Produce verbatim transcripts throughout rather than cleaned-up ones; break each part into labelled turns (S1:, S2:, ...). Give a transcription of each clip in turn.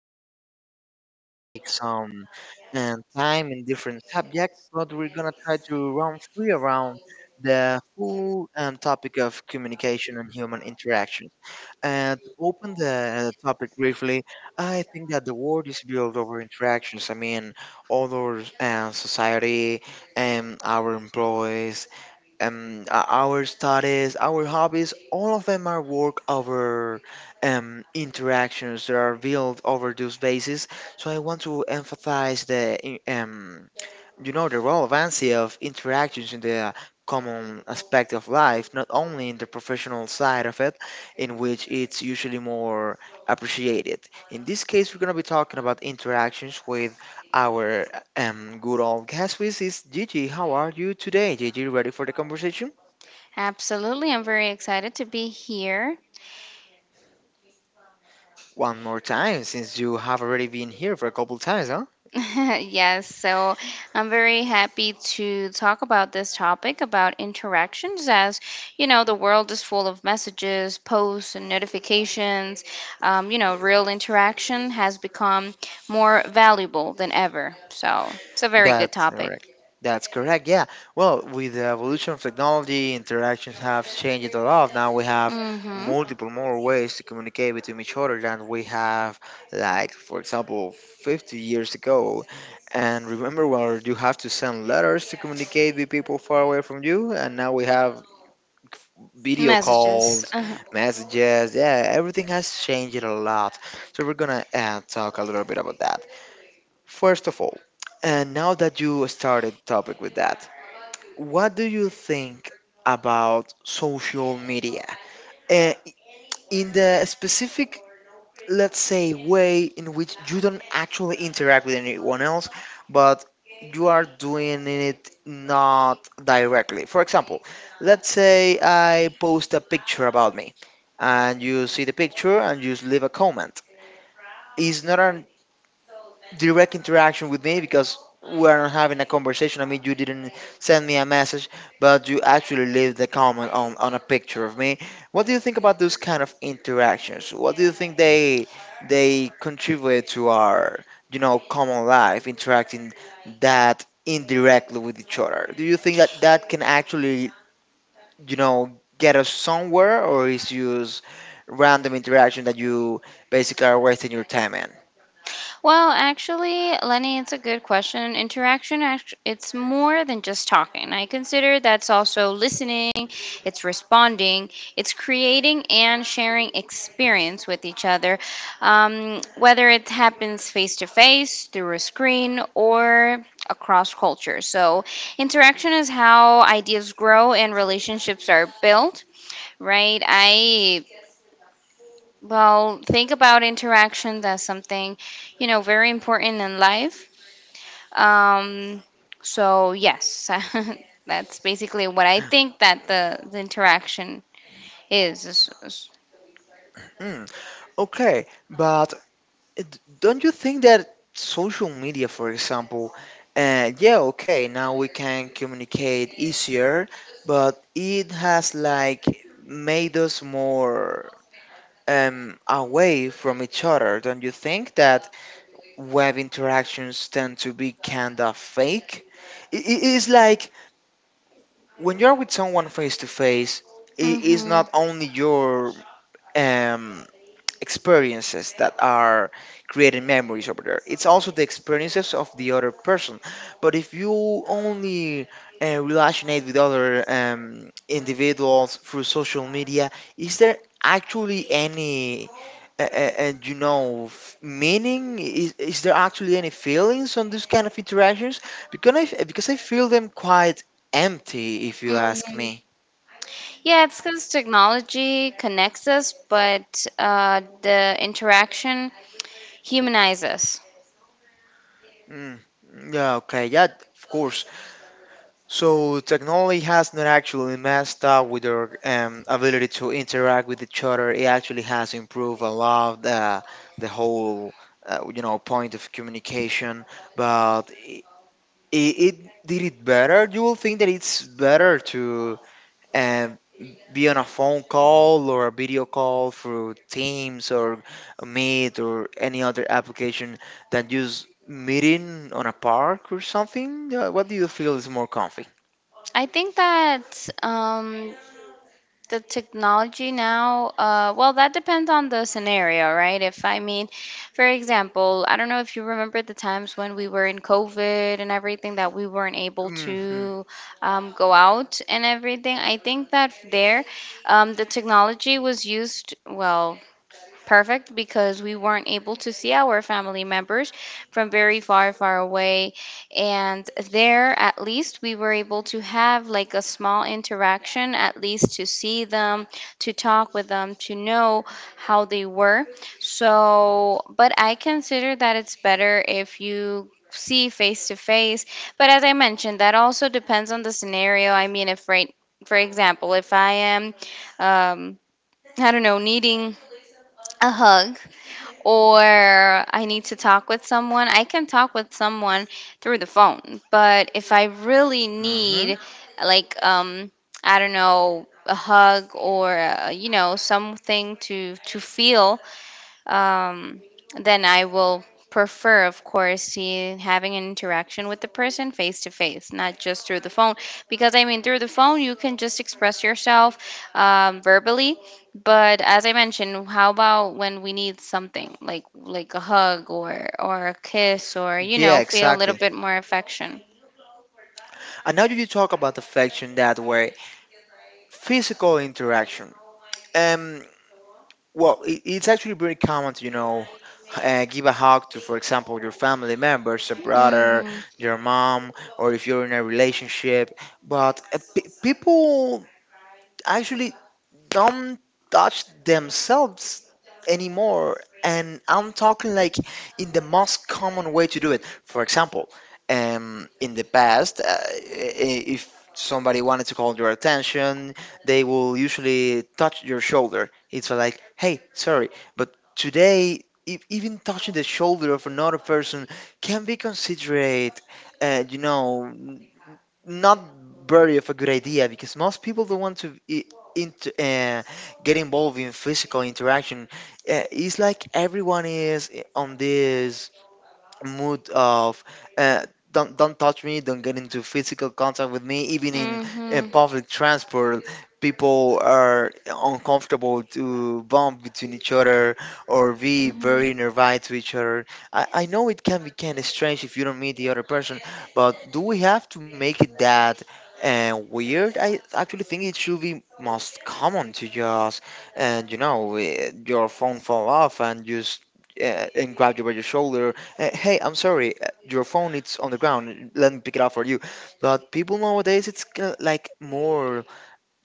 S1: topic. I mean, we're gonna take some um, time in different subjects, but we're gonna try to run free around the full um, topic of communication and human interaction. And to open the uh, topic briefly, I think that the world is built over interactions. I mean, all our uh, society, and our employees, and our studies, our hobbies, all of them are work over um, interactions that are built over those bases. So I want to emphasize the I- um, you know the relevancy of interactions in the uh, common aspect of life, not only in the professional side of it, in which it's usually more appreciated. In this case, we're going to be talking about interactions with our um, good old guest, which is Gigi. How are you today, Gigi? Ready for the conversation
S2: Absolutely. I'm very excited to be here.
S1: one more time, since you have already been here for a couple times, huh?
S2: Yes, so I'm very happy to talk about this topic about interactions as you know, the world is full of messages, posts, and notifications. Um, you know, real interaction has become more valuable than ever. So it's a very good
S1: That's
S2: topic.
S1: correct. That's correct. Yeah. Well, with the evolution of technology, interactions have changed a lot. Now we have
S2: Mm-hmm.
S1: multiple more ways to communicate between each other than we have, like, for example, fifty years ago. And remember, well, you have to send letters to communicate with people far away from you, and now we have video
S2: Messages.
S1: calls, messages. Yeah, everything has changed a lot. So we're gonna uh, talk a little bit about that. First of all, and now that you started the topic with that, what do you think about social media? Uh, in the specific, let's say, way in which you don't actually interact with anyone else, but you are doing it not directly. For example, let's say I post a picture about me, and you see the picture and you just leave a comment. It's not an direct interaction with me because we are not having a conversation. I mean, you didn't send me a message, but you actually leave the comment on, on a picture of me. What do you think about those kind of interactions? What do you think they they contribute to our you know common life, interacting that indirectly with each other? Do you think that that can actually you know get us somewhere, or is just random interaction that you basically are wasting your time in?
S2: Well, actually, Lenny, it's a good question. Interaction, act- it's more than just talking. I consider that's also listening, it's responding, it's creating and sharing experience with each other, um, whether it happens face to face, through a screen, or across culture. So, interaction is how ideas grow and relationships are built, right? I well, think about interactions as something, you know, very important in life. Um, so yes, that's basically what I think that the, the interaction is.
S1: Hmm. Okay, but d- don't you think that social media, for example, uh, yeah, okay, now we can communicate easier, but it has like made us more um, away from each other. Don't you think that web interactions tend to be kind of fake? It is like when you're with someone face to face, it is
S2: Mm-hmm.
S1: not only your um, experiences that are creating memories over there. It's also the experiences of the other person. But if you only uh, relationate with other um, individuals through social media, is there actually any, uh, uh, uh, you know, f- meaning? Is, is there actually any feelings on this kind of interactions? Because I, f- because I feel them quite empty, if you
S2: hmm
S1: ask
S2: hmm
S1: me.
S2: Yeah, it's because technology connects us, but uh, the interaction humanizes us.
S1: Mm, yeah, okay, yeah, of course. So technology has not actually messed up with our um, ability to interact with each other. It actually has improved a lot the the whole uh, you know point of communication. But it, it did it better. You will think that it's better to um, be on a phone call or a video call through Teams or Meet or any other application than just meeting on a park or something. Uh, what do you feel is more comfy?
S2: I think that um, the technology now, uh, well, that depends on the scenario, right? if I mean For example, I don't know if you remember the times when we were in COVID and everything, that we weren't able
S1: Mm-hmm.
S2: to um, go out and everything. I think that there um, the technology was used, well, perfect, because we weren't able to see our family members from very far, far away. And there, at least, we were able to have like a small interaction, at least to see them, to talk with them, to know how they were. So, but I consider that it's better if you see face to face. But as I mentioned, that also depends on the scenario. I mean, if right, for example, if I am, um, I don't know, needing a hug or I need to talk with someone, I can talk with someone through the phone. But if I really
S1: Mm-hmm.
S2: need, like, um, I don't know, a hug or, uh, you know, something to to feel, um, then I will prefer, of course, see having an interaction with the person face to face, not just through the phone. Because I mean, through the phone, you can just express yourself um, verbally. But as I mentioned, how about when we need something like like a hug or or a kiss or, you know,
S1: Yeah,
S2: feel a little
S1: exactly.
S2: bit more affection?
S1: And now that you talk about affection that way, physical interaction. Um, well, it, it's actually very common to, you know, uh, give a hug to, for example, your family members, a brother,
S2: Mhm.
S1: your mom, or if you're in a relationship. But uh, pe people actually don't touch themselves anymore. And I'm talking like in the most common way to do it. For example, um, in the past, uh, i- if somebody wanted to call your attention, they will usually touch your shoulder. It's like, hey, sorry, but today, if even touching the shoulder of another person can be considerate, uh, you know, not very of a good idea, because most people don't want to I- into uh, get involved in physical interaction. Uh, it's like everyone is i- on this mood of uh, don't don't touch me, don't get into physical contact with me. Even in, in
S2: Mhm.
S1: public transport, people are uncomfortable to bump between each other or be
S2: Mhm.
S1: very nearby to each other. I, I know it can be kind of strange if you don't meet the other person, but do we have to make it that? uh weird. I actually think it should be most common to just, and you know, eh, your phone fall off and just uh, and grab you by your shoulder. Uh, hey, I'm sorry, uh, your phone it's on the ground. Let me pick it up for you. But people nowadays, it's kind of like more,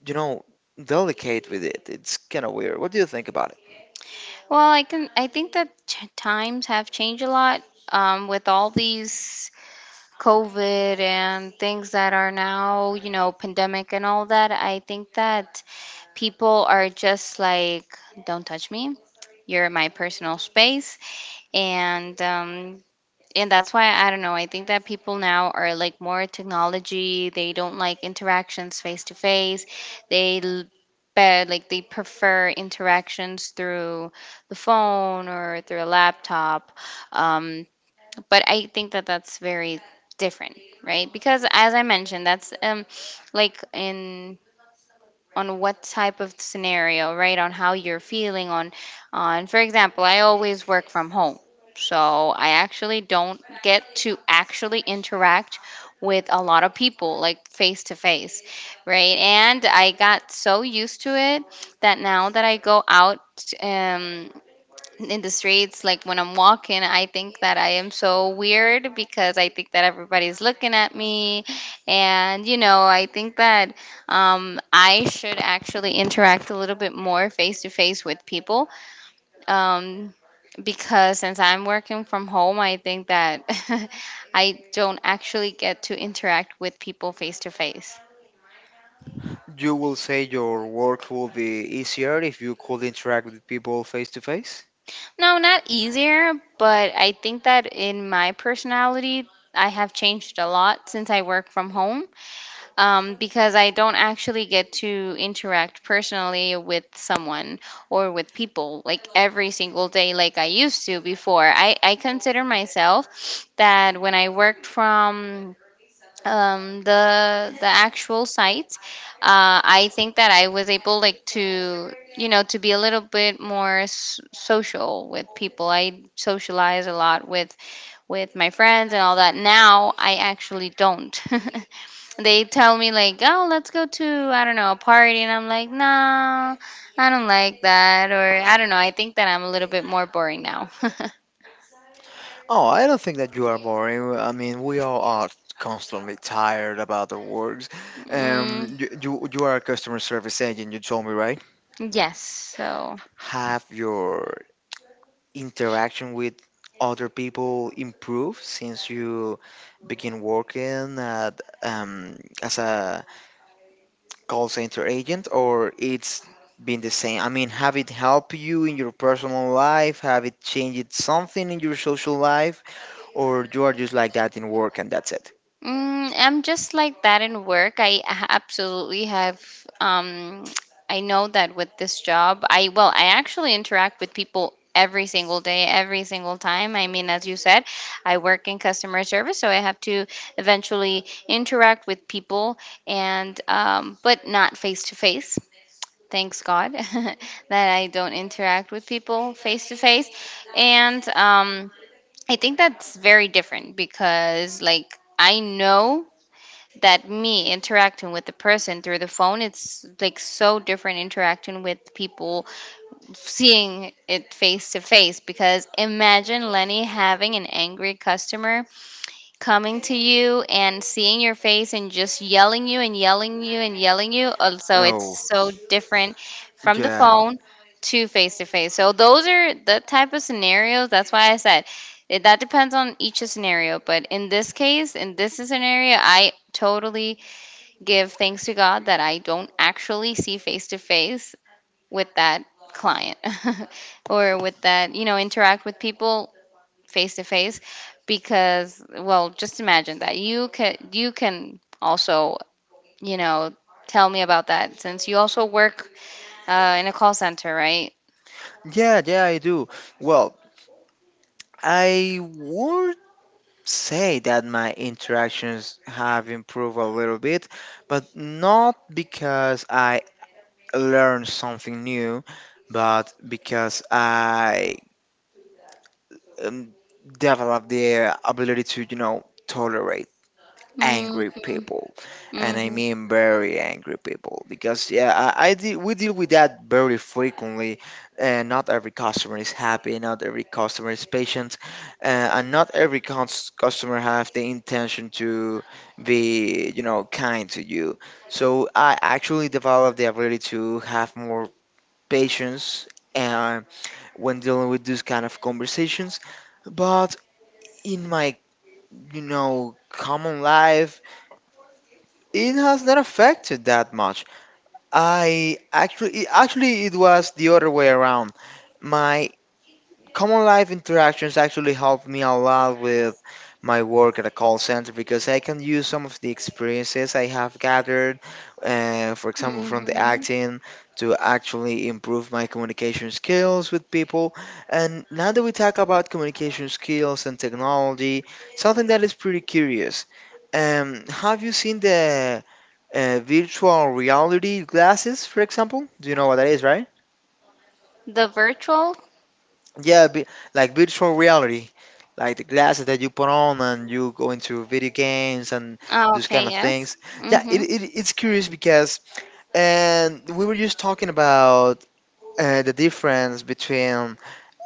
S1: you know, delicate with it. It's kind of weird. What do you think about it?
S2: Well, I can. I think that ch- times have changed a lot um, with all these COVID and things that are now, you know, pandemic and all that. I think that people are just like, "Don't touch me. You're in my personal space," and, um, and that's why, I don't know. I think that people now are like more technology. They don't like interactions face to face. They l- but like they prefer interactions through the phone or through a laptop. Um, but I think that that's very different, right? Because as I mentioned, that's um like in on what type of scenario, right? On how you're feeling on on for example, I always work from home. So I actually don't get to actually interact with a lot of people like face to face, right? And I got so used to it that now that I go out um in the streets, like when I'm walking, I think that I am so weird because I think that everybody's looking at me. And, you know, I think that um, I should actually interact a little bit more face to face with people, um, because since I'm working from home, I think that I don't actually get to interact with people face to face.
S1: You will say your work will be easier if you could interact with people face to face?
S2: No, not easier, but I think that in my personality I have changed a lot since I work from home. Um, because I don't actually get to interact personally with someone or with people like every single day like I used to before. I, I consider myself that when I worked from um, the the actual site, uh, I think that I was able like to, you know, to be a little bit more s- social with people. I socialize a lot with with my friends and all that. Now I actually don't. They tell me like, "Oh, let's go to, I don't know, a party," and I'm like, "No, I don't like that," or I don't know. I think that I'm a little bit more boring now.
S1: Oh, I don't think that you are boring. I mean, we all are constantly tired about the works.
S2: Mm,
S1: Um, you, you, you are a customer service agent, you told me, right?
S2: yes, so.
S1: Have your interaction with other people improve since you begin working at, um, as a call center agent, or it's been the same? I mean, have it helped you in your personal life? Have it changed something in your social life? Or you are just like that in work and that's it?
S2: Mm, I'm just like that in work. I a- absolutely have. Um, I know that with this job, I well, I actually interact with people every single day, every single time. I mean, as you said, I work in customer service, so I have to eventually interact with people, and, um, but not face to face. Thanks God that I don't interact with people face to face, and, um, I think that's very different because like. I know that me interacting with the person through the phone, it's like so different interacting with people seeing it face to face. Because imagine, Lenny, having an angry customer coming to you and seeing your face and just yelling you and yelling you and yelling you, also
S1: Oh,
S2: it's so different, from the
S1: yeah.
S2: phone to face to face. So those are the type of scenarios. That's why I said it, that depends on each scenario, but in this case, in this scenario, I totally give thanks to God that I don't actually see face to face with that client, or with that, you know, interact with people face to face, because, well, just imagine that. You can, you can also, you know, tell me about that since you also work, uh, in a call center, right?
S1: Yeah, yeah, I do. Well, I work. Say that my interactions have improved a little bit, but not because I learned something new, but because I um, developed the ability to, you know, tolerate
S2: hmm
S1: angry people. And I
S2: hmm
S1: mean very angry people, because yeah, i, I deal, we deal with that very frequently. Uh, not every customer is happy. Not every customer is patient. uh, and not every cons- customer have the intention to be you know kind to you. So I actually developed the ability to have more patience and when dealing with these kind of conversations. But in my you know common life, it has not affected that much. I actually, actually, it was the other way around. My common life interactions actually help me a lot with my work at a call center, because I can use some of the experiences I have gathered, uh, for example, from the
S2: hmm
S1: acting to actually improve my communication skills with people. And now that we talk about communication skills and technology, something that is pretty curious. Um, have you seen the uh, virtual reality glasses, for example? Do you know what that is, right?
S2: The virtual?
S1: Yeah, be, like virtual reality, like the glasses that you put on and you go into video games and
S2: Oh,
S1: those kind
S2: okay,
S1: of
S2: yes.
S1: things. Yeah,
S2: hmm
S1: it, it it's curious. Because and we were just talking about uh, the difference between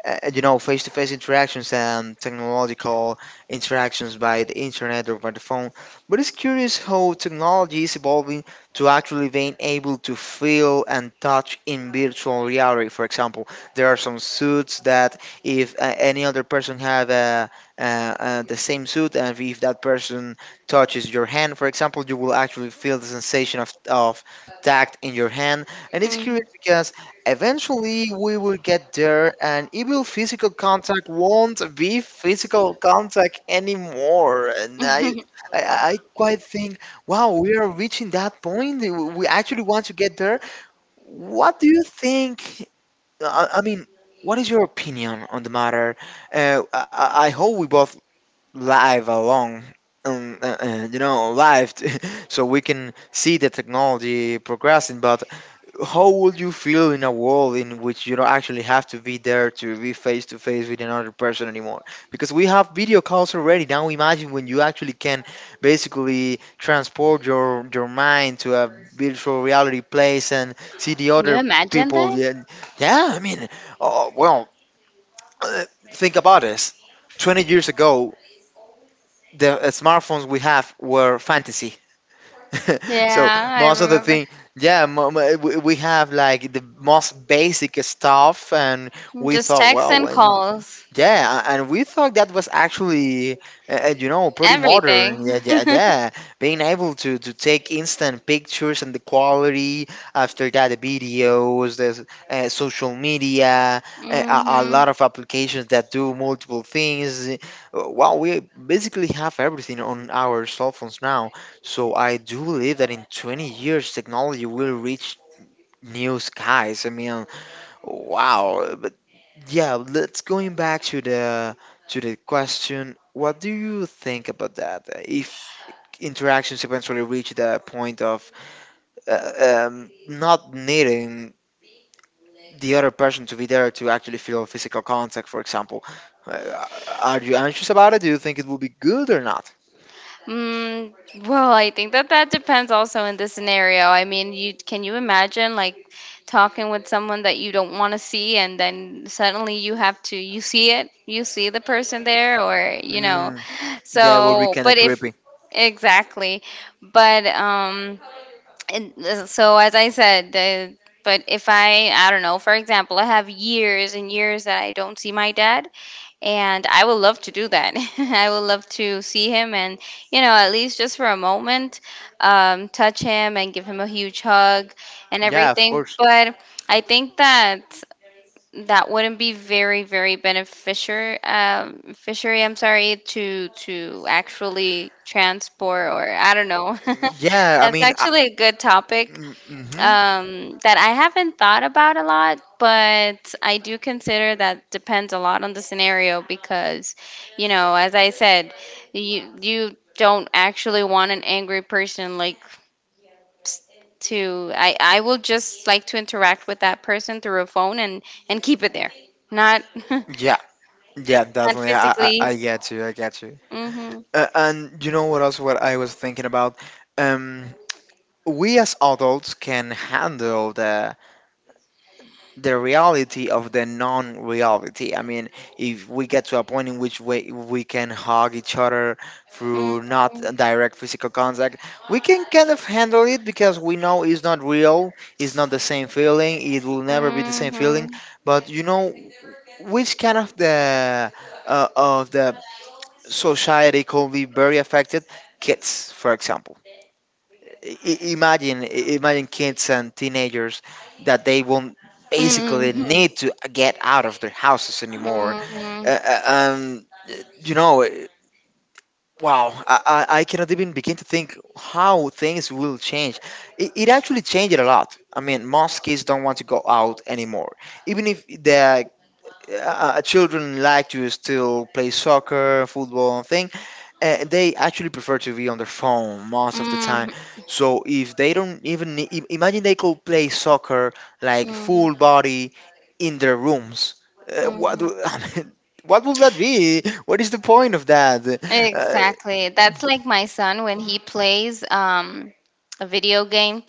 S1: uh, you know, face-to-face interactions and technological interactions by the internet or by the phone. But it's curious how technology is evolving to actually being able to feel and touch in virtual reality. For example, there are some suits that if uh, any other person have uh, uh, uh, the same suit, and if that person touches your hand, for example, you will actually feel the sensation of of tact in your hand. And it's
S2: hmm
S1: curious because eventually, we will get there, and even physical contact won't be physical contact anymore. And I,
S2: Can
S1: I, I quite think, wow, we are reaching that point. We actually want to get there. What do you think? I, I mean, what is your opinion on the matter? Uh, I, I I hope we both live along. Um, uh, uh, you know, live, so we can see the technology progressing. But how would you feel in a world in which you don't actually have to be there to be face to face with another person anymore? Because we have video calls already. Now imagine when you actually can basically transport your your mind to a virtual reality place and see the
S2: you
S1: other
S2: imagine
S1: people.
S2: that?
S1: Yeah, yeah. I mean, oh, well, think about this. Twenty years ago, the uh, smartphones we have were fantasy. So
S2: Yeah, I
S1: most of the
S2: remember.
S1: thing, yeah, mo- mo- we we have like the most basic stuff, and we
S2: Just
S1: thought,
S2: texts
S1: well,
S2: and
S1: when
S2: calls,
S1: yeah, and we thought that was actually, uh, uh, you know, pretty modern. Yeah,
S2: everything.
S1: yeah, yeah. Being able to to take instant pictures and the quality after that, the videos, the uh, social media, uh, a, a
S2: hmm
S1: lot of applications that do multiple things. Uh, Well, we basically have everything on our cell phones now. So I do believe that in twenty years, technology will reach new skies. I mean, Wow, but Yeah, let's going back to the to the question. What do you think about that? Uh, If interactions eventually reach the point of uh, um, not needing the other person to be there to actually feel physical contact, for example, uh, are you anxious about it? Do you think it will be good or not?
S2: Mm, well, I think that that depends also in the scenario. I mean, you can, you imagine like talking with someone that you don't want to see, and then suddenly you have to, you see it, you see the person there, or you know.
S1: Mm, yeah, it will be
S2: So,
S1: kind
S2: but
S1: of
S2: if,
S1: creepy.
S2: exactly, but um. and uh, so as I said the, But if i I don't know, for example, I have years and years that I don't see my dad, and I would love to do that. I would love to see him and, you know, at least just for a moment, um, touch him and give him a huge hug and
S1: Yeah, of
S2: everything.
S1: course.
S2: But I think that that wouldn't be very very beneficial, um, fishery, I'm sorry, to to actually transport or, I don't know.
S1: Yeah, I
S2: That's
S1: mean, I,
S2: actually a good topic
S1: mm-hmm.
S2: um that I haven't thought about a lot, but I do consider that depends a lot on the scenario. Because, you know, as I said, you you don't actually want an angry person like to, I, I will just like to interact with that person through a phone, and and keep it there, not, not
S1: Yeah, yeah, definitely. I, I, I
S2: physically.
S1: I get you. I get you.
S2: Mm-hmm.
S1: Uh, and you know what else? What I was thinking about, um, we as adults can handle the the reality of the non-reality. I mean, if we get to a point in which we we can hug each other through
S2: mm-hmm,
S1: not a direct physical contact, we can kind of handle it because we know it's not real. It's not the same feeling. It will never be the same feeling.
S2: mm-hmm,
S1: But you know, which kind of the uh, of the society can be very affected. Kids, for example, I- I- imagine i- imagine kids and teenagers that they won't basically need
S2: mm-hmm,
S1: to get out of their houses anymore.
S2: mm-hmm,
S1: Uh, uh, um, you know, eh, wow, I, I I cannot even begin to think how things will change. It, it actually changed a lot. I mean, most kids don't want to go out anymore, even if the uh, uh, children like to still play soccer, football, and thing uh, they actually prefer to be on their phone most of the time.
S2: mm-hmm.
S1: So if they don't even need, im- imagine they could play soccer like full body in their rooms. Uh, what
S2: mm-hmm.
S1: do- I mean, what would that be? What is the point of that? Uh,
S2: Exactly. That's like my son when he plays, um, a video game,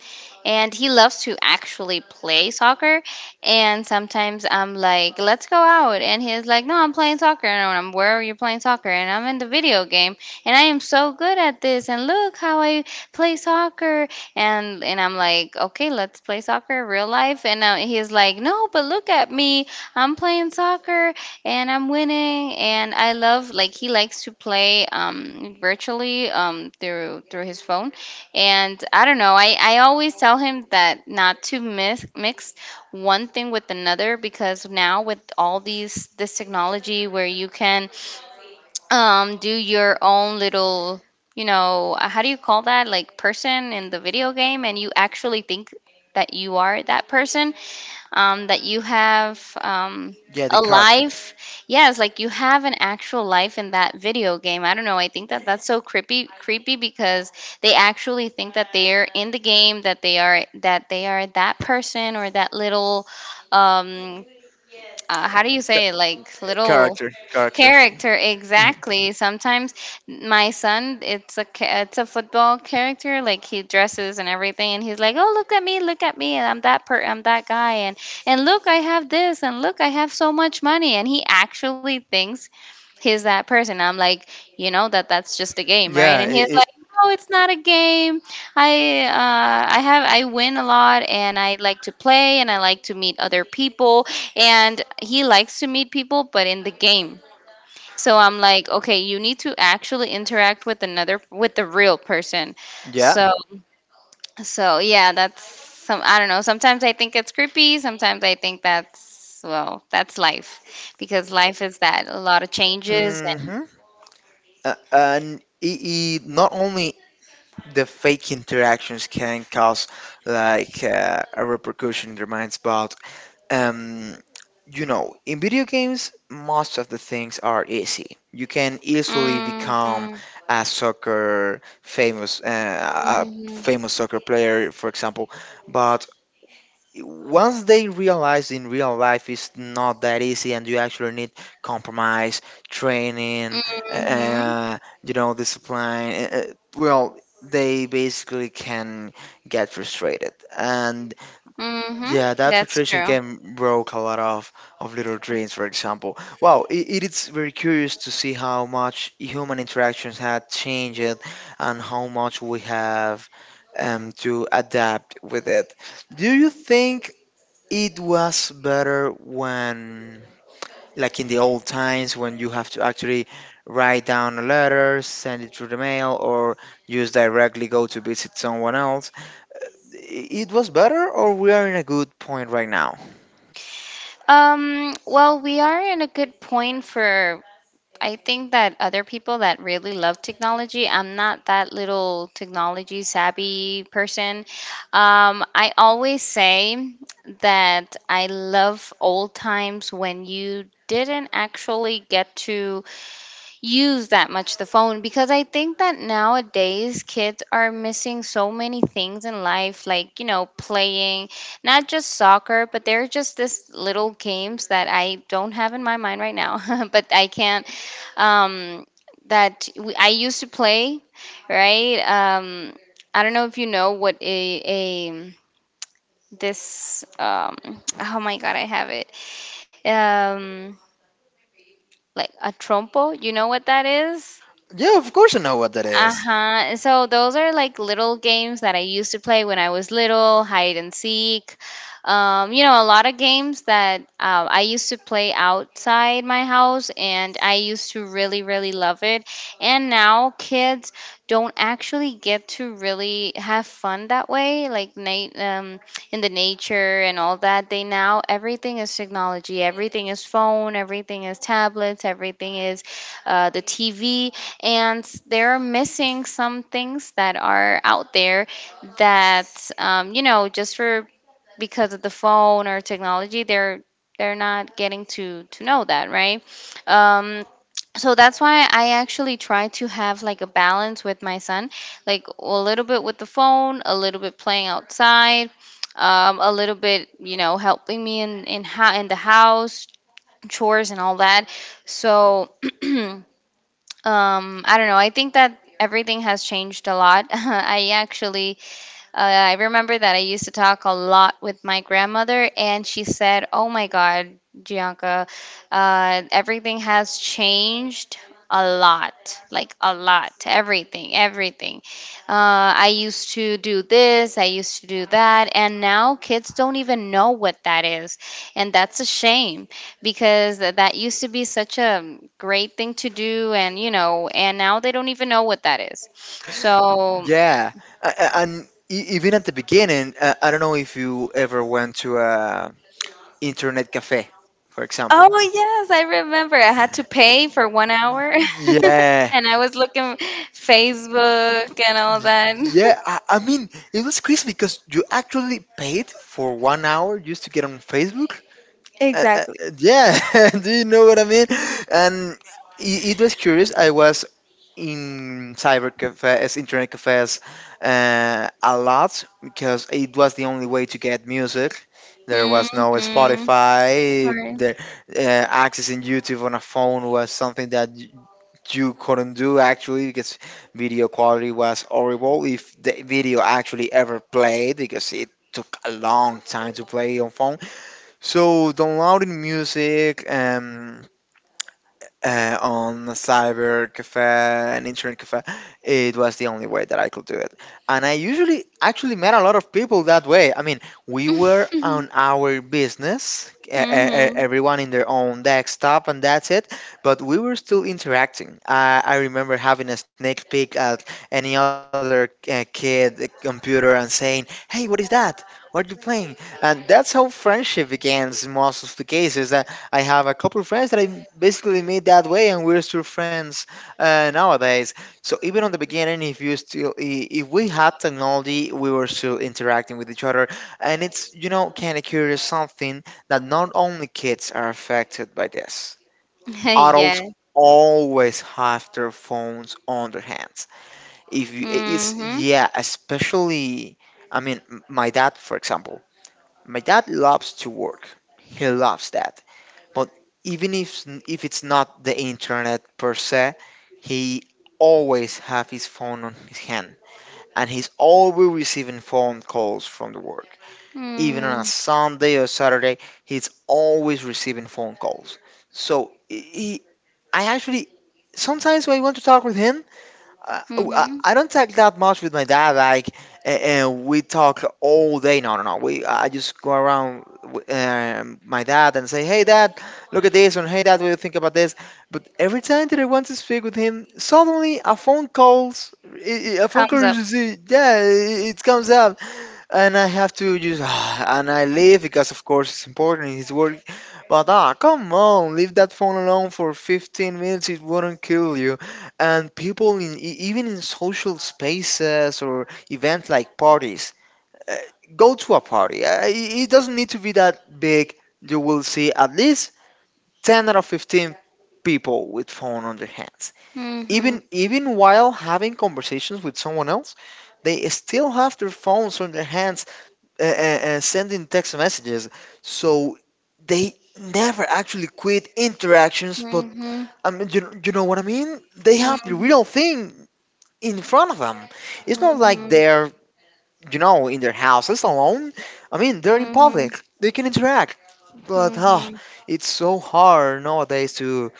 S2: and he loves to actually play soccer. And sometimes I'm like, "Let's go out." And he's like, "No, I'm playing soccer." And I'm, "Where are you playing soccer?" "And I'm in the video game. And I am so good at this. And look how I play soccer." And, and I'm like, "Okay, let's play soccer real life." And now he's like, "No, but look at me. I'm playing soccer and I'm winning and I love, " like he likes to play um virtually, um through through his phone. And I don't know, I I always tell him that not to mix mix one thing with another. Because now with all these this technology where you can, um do your own little, you know, uh, how do you call that, like person in the video game, and you actually think that you are that person, um, that you have, um,
S1: yeah, the
S2: a
S1: character.
S2: life. Yes, like you have an actual life in that video game. I don't know. I think that that's so creepy, creepy, because they actually think that they're in the game, that they are, that they are that person or that little, um, uh, how do you say
S1: Ca-
S2: it? Like little
S1: character, Character.
S2: character
S1: Mhm.
S2: exactly sometimes my son it's a ca- it's a football character, like, he dresses and everything, and he's like, oh, look at me, look at me, and i'm that per I'm that guy. and and look, I have this, and look, I have so much money, and he actually thinks he's that person. I'm like, you know that that's just a game, right?
S1: Yeah,
S2: And
S1: it,
S2: he's
S1: it,
S2: like, no, it's not a game. I uh, I have I win a lot, and I like to play, and I like to meet other people, and he likes to meet people, but in the game. So I'm like, okay, you need to actually interact with another with the real person.
S1: yeah.
S2: So so yeah, that's some I don't know. Sometimes I think it's creepy, sometimes I think that's well, that's life, because life is that, a lot of changes. And
S1: Hmm. Uh, and it, it not only the fake interactions can cause like uh, a repercussion in their minds, but Um, you know, in video games, most of the things are easy. You can easily become
S2: mhm
S1: a soccer famous, uh, a
S2: mhm
S1: famous soccer player, for example. But once they realize in real life it's not that easy, and you actually need compromise, training,
S2: mhm
S1: uh, you know, discipline. Uh, uh, well, they basically can get frustrated, and
S2: mhm
S1: yeah, that
S2: that's
S1: frustration
S2: true.
S1: can broke a lot of, of little dreams, for example. Wow, it it is very curious to see how much human interactions had changed and how much we have um, to adapt with it. Do you think it was better when, like in the old times, when you have to actually write down a letter, send it through the mail, or just directly go to visit someone else? I- It was better, or we are in a good point right now?
S2: Um, well, we are in a good point for, I think, that other people that really love technology. I'm not that little technology savvy person. Um, I always say that I love old times when you didn't actually get to use that much the phone, because I think that nowadays kids are missing so many things in life, like, you know, playing not just soccer, but there are just this little games that I don't have in my mind right now, but I can't. Um, that we, I used to play, right? Um, I don't know if you know what a, a this um oh my god, I have it. um like a trompo, you know what that is?
S1: Yeah, of course I know what that is.
S2: Uh-huh. So those are like little games that I used to play when I was little. Hide and seek. Um, you know, a lot of games that uh, I used to play outside my house, and I used to really, really love it. And now kids don't actually get to really have fun that way, like na- um, in the nature and all that. They, now everything is technology, everything is phone, everything is tablets, everything is uh, the T V, and they're missing some things that are out there that, um, you know, just for, because of the phone or technology, they're they're not getting to to know that, right? um, so that's why I actually try to have like a balance with my son. Like a little bit with the phone, a little bit playing outside, um, a little bit, you know, helping me in in, ho- in the house chores and all that. So Um, I don't know. I think that everything has changed a lot. I actually uh, I remember that I used to talk a lot with my grandmother, and she said, "Oh my God, Gianca, uh, everything has changed a lot, like a lot, everything, everything. uh, I used to do this, I used to do that, and now kids don't even know what that is, and that's a shame, because th- that used to be such a great thing to do. And you know, and now they don't even know what that is." So
S1: Yeah, A- a- and e- even at the beginning, uh, I don't know if you ever went to a internet cafe, for example.
S2: oh yes, I remember. I had to pay for one hour,
S1: Yeah,
S2: and I was looking Facebook and all
S1: y-
S2: that.
S1: yeah. I, I mean, it was crazy because you actually paid for one hour just to get on Facebook, uh, uh,
S2: Exactly.
S1: yeah. Do you know what I mean? And it, it was curious. I was in cyber cafes, internet cafes uh, a lot because it was the only way to get music. There was no
S2: Mm-hmm.
S1: Spotify.
S2: Right.
S1: The uh, accessing YouTube on a phone was something that y- you couldn't do actually because video quality was horrible if the video actually ever played because it took a long time to play on phone. So downloading music, um, uh, on a cyber cafe, an internet cafe. It was the only way that I could do it. And I usually actually met a lot of people that way. I mean, we were on our business, e- e- e-
S2: Mm-hmm.
S1: everyone in their own desktop, and that's it. But we were still interacting. I, I remember having a sneak peek at any other uh, kid uh, computer and saying, "Hey, what is that? What are you playing?" And that's how friendship begins in most of the cases. Uh, I have a couple of friends that I basically made that way, and we're still friends uh, nowadays. So even on the beginning, if you still i- if we had technology, we were still interacting with each other, and it's, you know, kind of curious, something that not only kids are affected by this, adults
S2: Yeah.
S1: always have their phones on their hands. If you, it's,
S2: Mm-hmm.
S1: yeah, especially I mean m- my dad for example. My dad loves to work. He loves that. But even if if it's not the internet per se, he always have his phone on his hand, and he's always receiving phone calls from the work. Even on a Sunday or Saturday, he's always receiving phone calls. So he, I actually sometimes when I want to talk with him, uh, oh, I
S2: Mm-hmm.
S1: I don't talk that much with my dad, like, a- and we talk all day. No, no, no. We I just go around with, um, my dad and say, "Hey, dad, look at this," and "Hey, dad, what do you think about this?" But every time that I want to speak with him, suddenly a phone calls, i- i- a phone call,
S2: Thumbs up.
S1: is- is- yeah, it it comes up and I have to just and I leave because of course it's important, it's work, but ah, come on, leave that phone alone for fifteen minutes, it wouldn't kill you. And people in e- even in social spaces or events like parties, uh, go to a party, uh, it it doesn't need to be that big, you will see at least ten out of fifteen people with phone on their hands,
S2: Mm-hmm.
S1: even even while having conversations with someone else, they still have their phones on their hands, uh, uh, uh, sending text messages. So they never actually quit interactions, but
S2: Mm-hmm.
S1: I mean, you, you know what I mean? They have the
S2: Mm-hmm.
S1: real thing in front of them. It's not like
S2: Mm-hmm.
S1: they're, you know, in their houses alone. I mean, they're in
S2: Mm-hmm.
S1: public, they can interact. But ah,
S2: Mm-hmm.
S1: it's so hard nowadays to,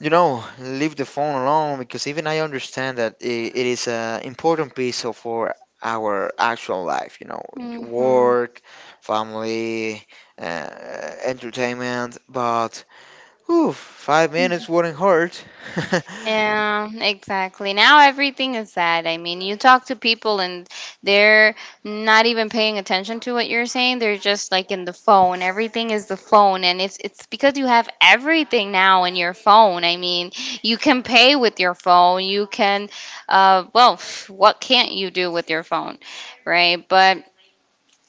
S1: you know, leave the phone alone because even I understand that I it is an important piece of our, our actual life, you know,
S2: Mm-hmm.
S1: work, family, uh, entertainment, but oof, five minutes wouldn't hurt.
S2: Yeah, exactly. Now everything is that. I mean, you talk to people, and they're not even paying attention to what you're saying. They're just like in the phone. Everything is the phone, and it's it's because you have everything now in your phone. I mean, you can pay with your phone. You can uh well, what can't you do with your phone? Right? But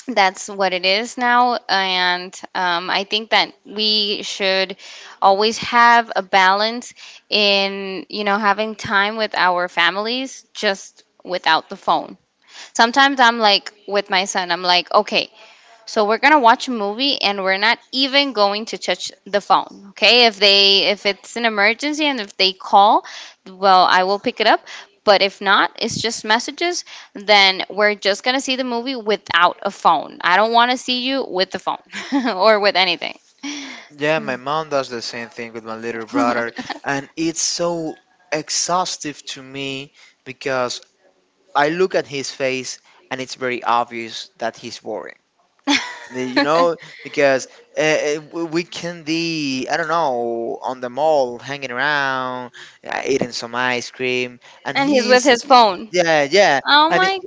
S2: that's what it is now. And um, I think that we should always have a balance in, you know, having time with our families just without the phone. Sometimes I'm like with my son, I'm like, okay, so we're gonna watch a movie, and we're not even going to touch the phone. Okay? If they, if it's an emergency and if they call, well, I will pick it up. But if not, it's just messages, then we're just gonna see the movie without a phone. I don't wanna see you with the phone or with anything.
S1: Yeah, my mom does the same thing with my little
S2: And
S1: brother, and it's so exhaustive to me because I look at his face and it's very obvious that he's worried. The, you know, because uh, uh, we we can be, I don't know, on the mall, hanging around, uh, eating some ice cream, and
S2: he's with
S1: he's,
S2: his phone.
S1: yeah, yeah,
S2: Oh
S1: and it,
S2: my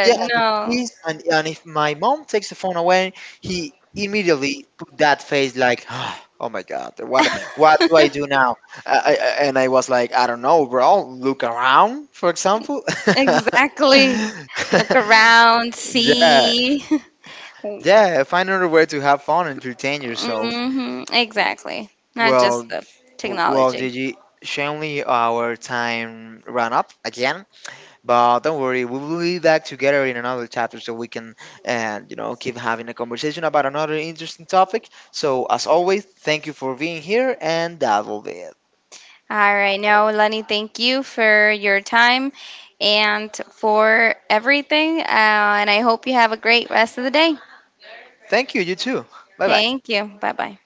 S1: yeah, and if he's, and, and if my mom takes the phone away, he immediately put that face like, "Ah, oh my God, what, what do I
S2: no.
S1: do now? Uh, I, I- and I was like, I don't know, bro, look around, for example."
S2: Exactly. Look around,
S1: Yeah,
S2: see.
S1: yeah, find another way to have fun and entertain yourself.
S2: hmm Exactly. Not
S1: Well,
S2: just the
S1: w- well,
S2: technology.
S1: Gigi, surely our time ran up again. But don't worry, we will be back together in another chapter so we can, uh, you know, keep having a conversation about another interesting topic. So, as always, thank you for being here, and that will be it.
S2: All right. Now, Lenny, thank you for your time and for everything. Uh, and I hope you have a great rest of the day.
S1: Thank you, you too. Bye bye.
S2: Thank you. Bye bye.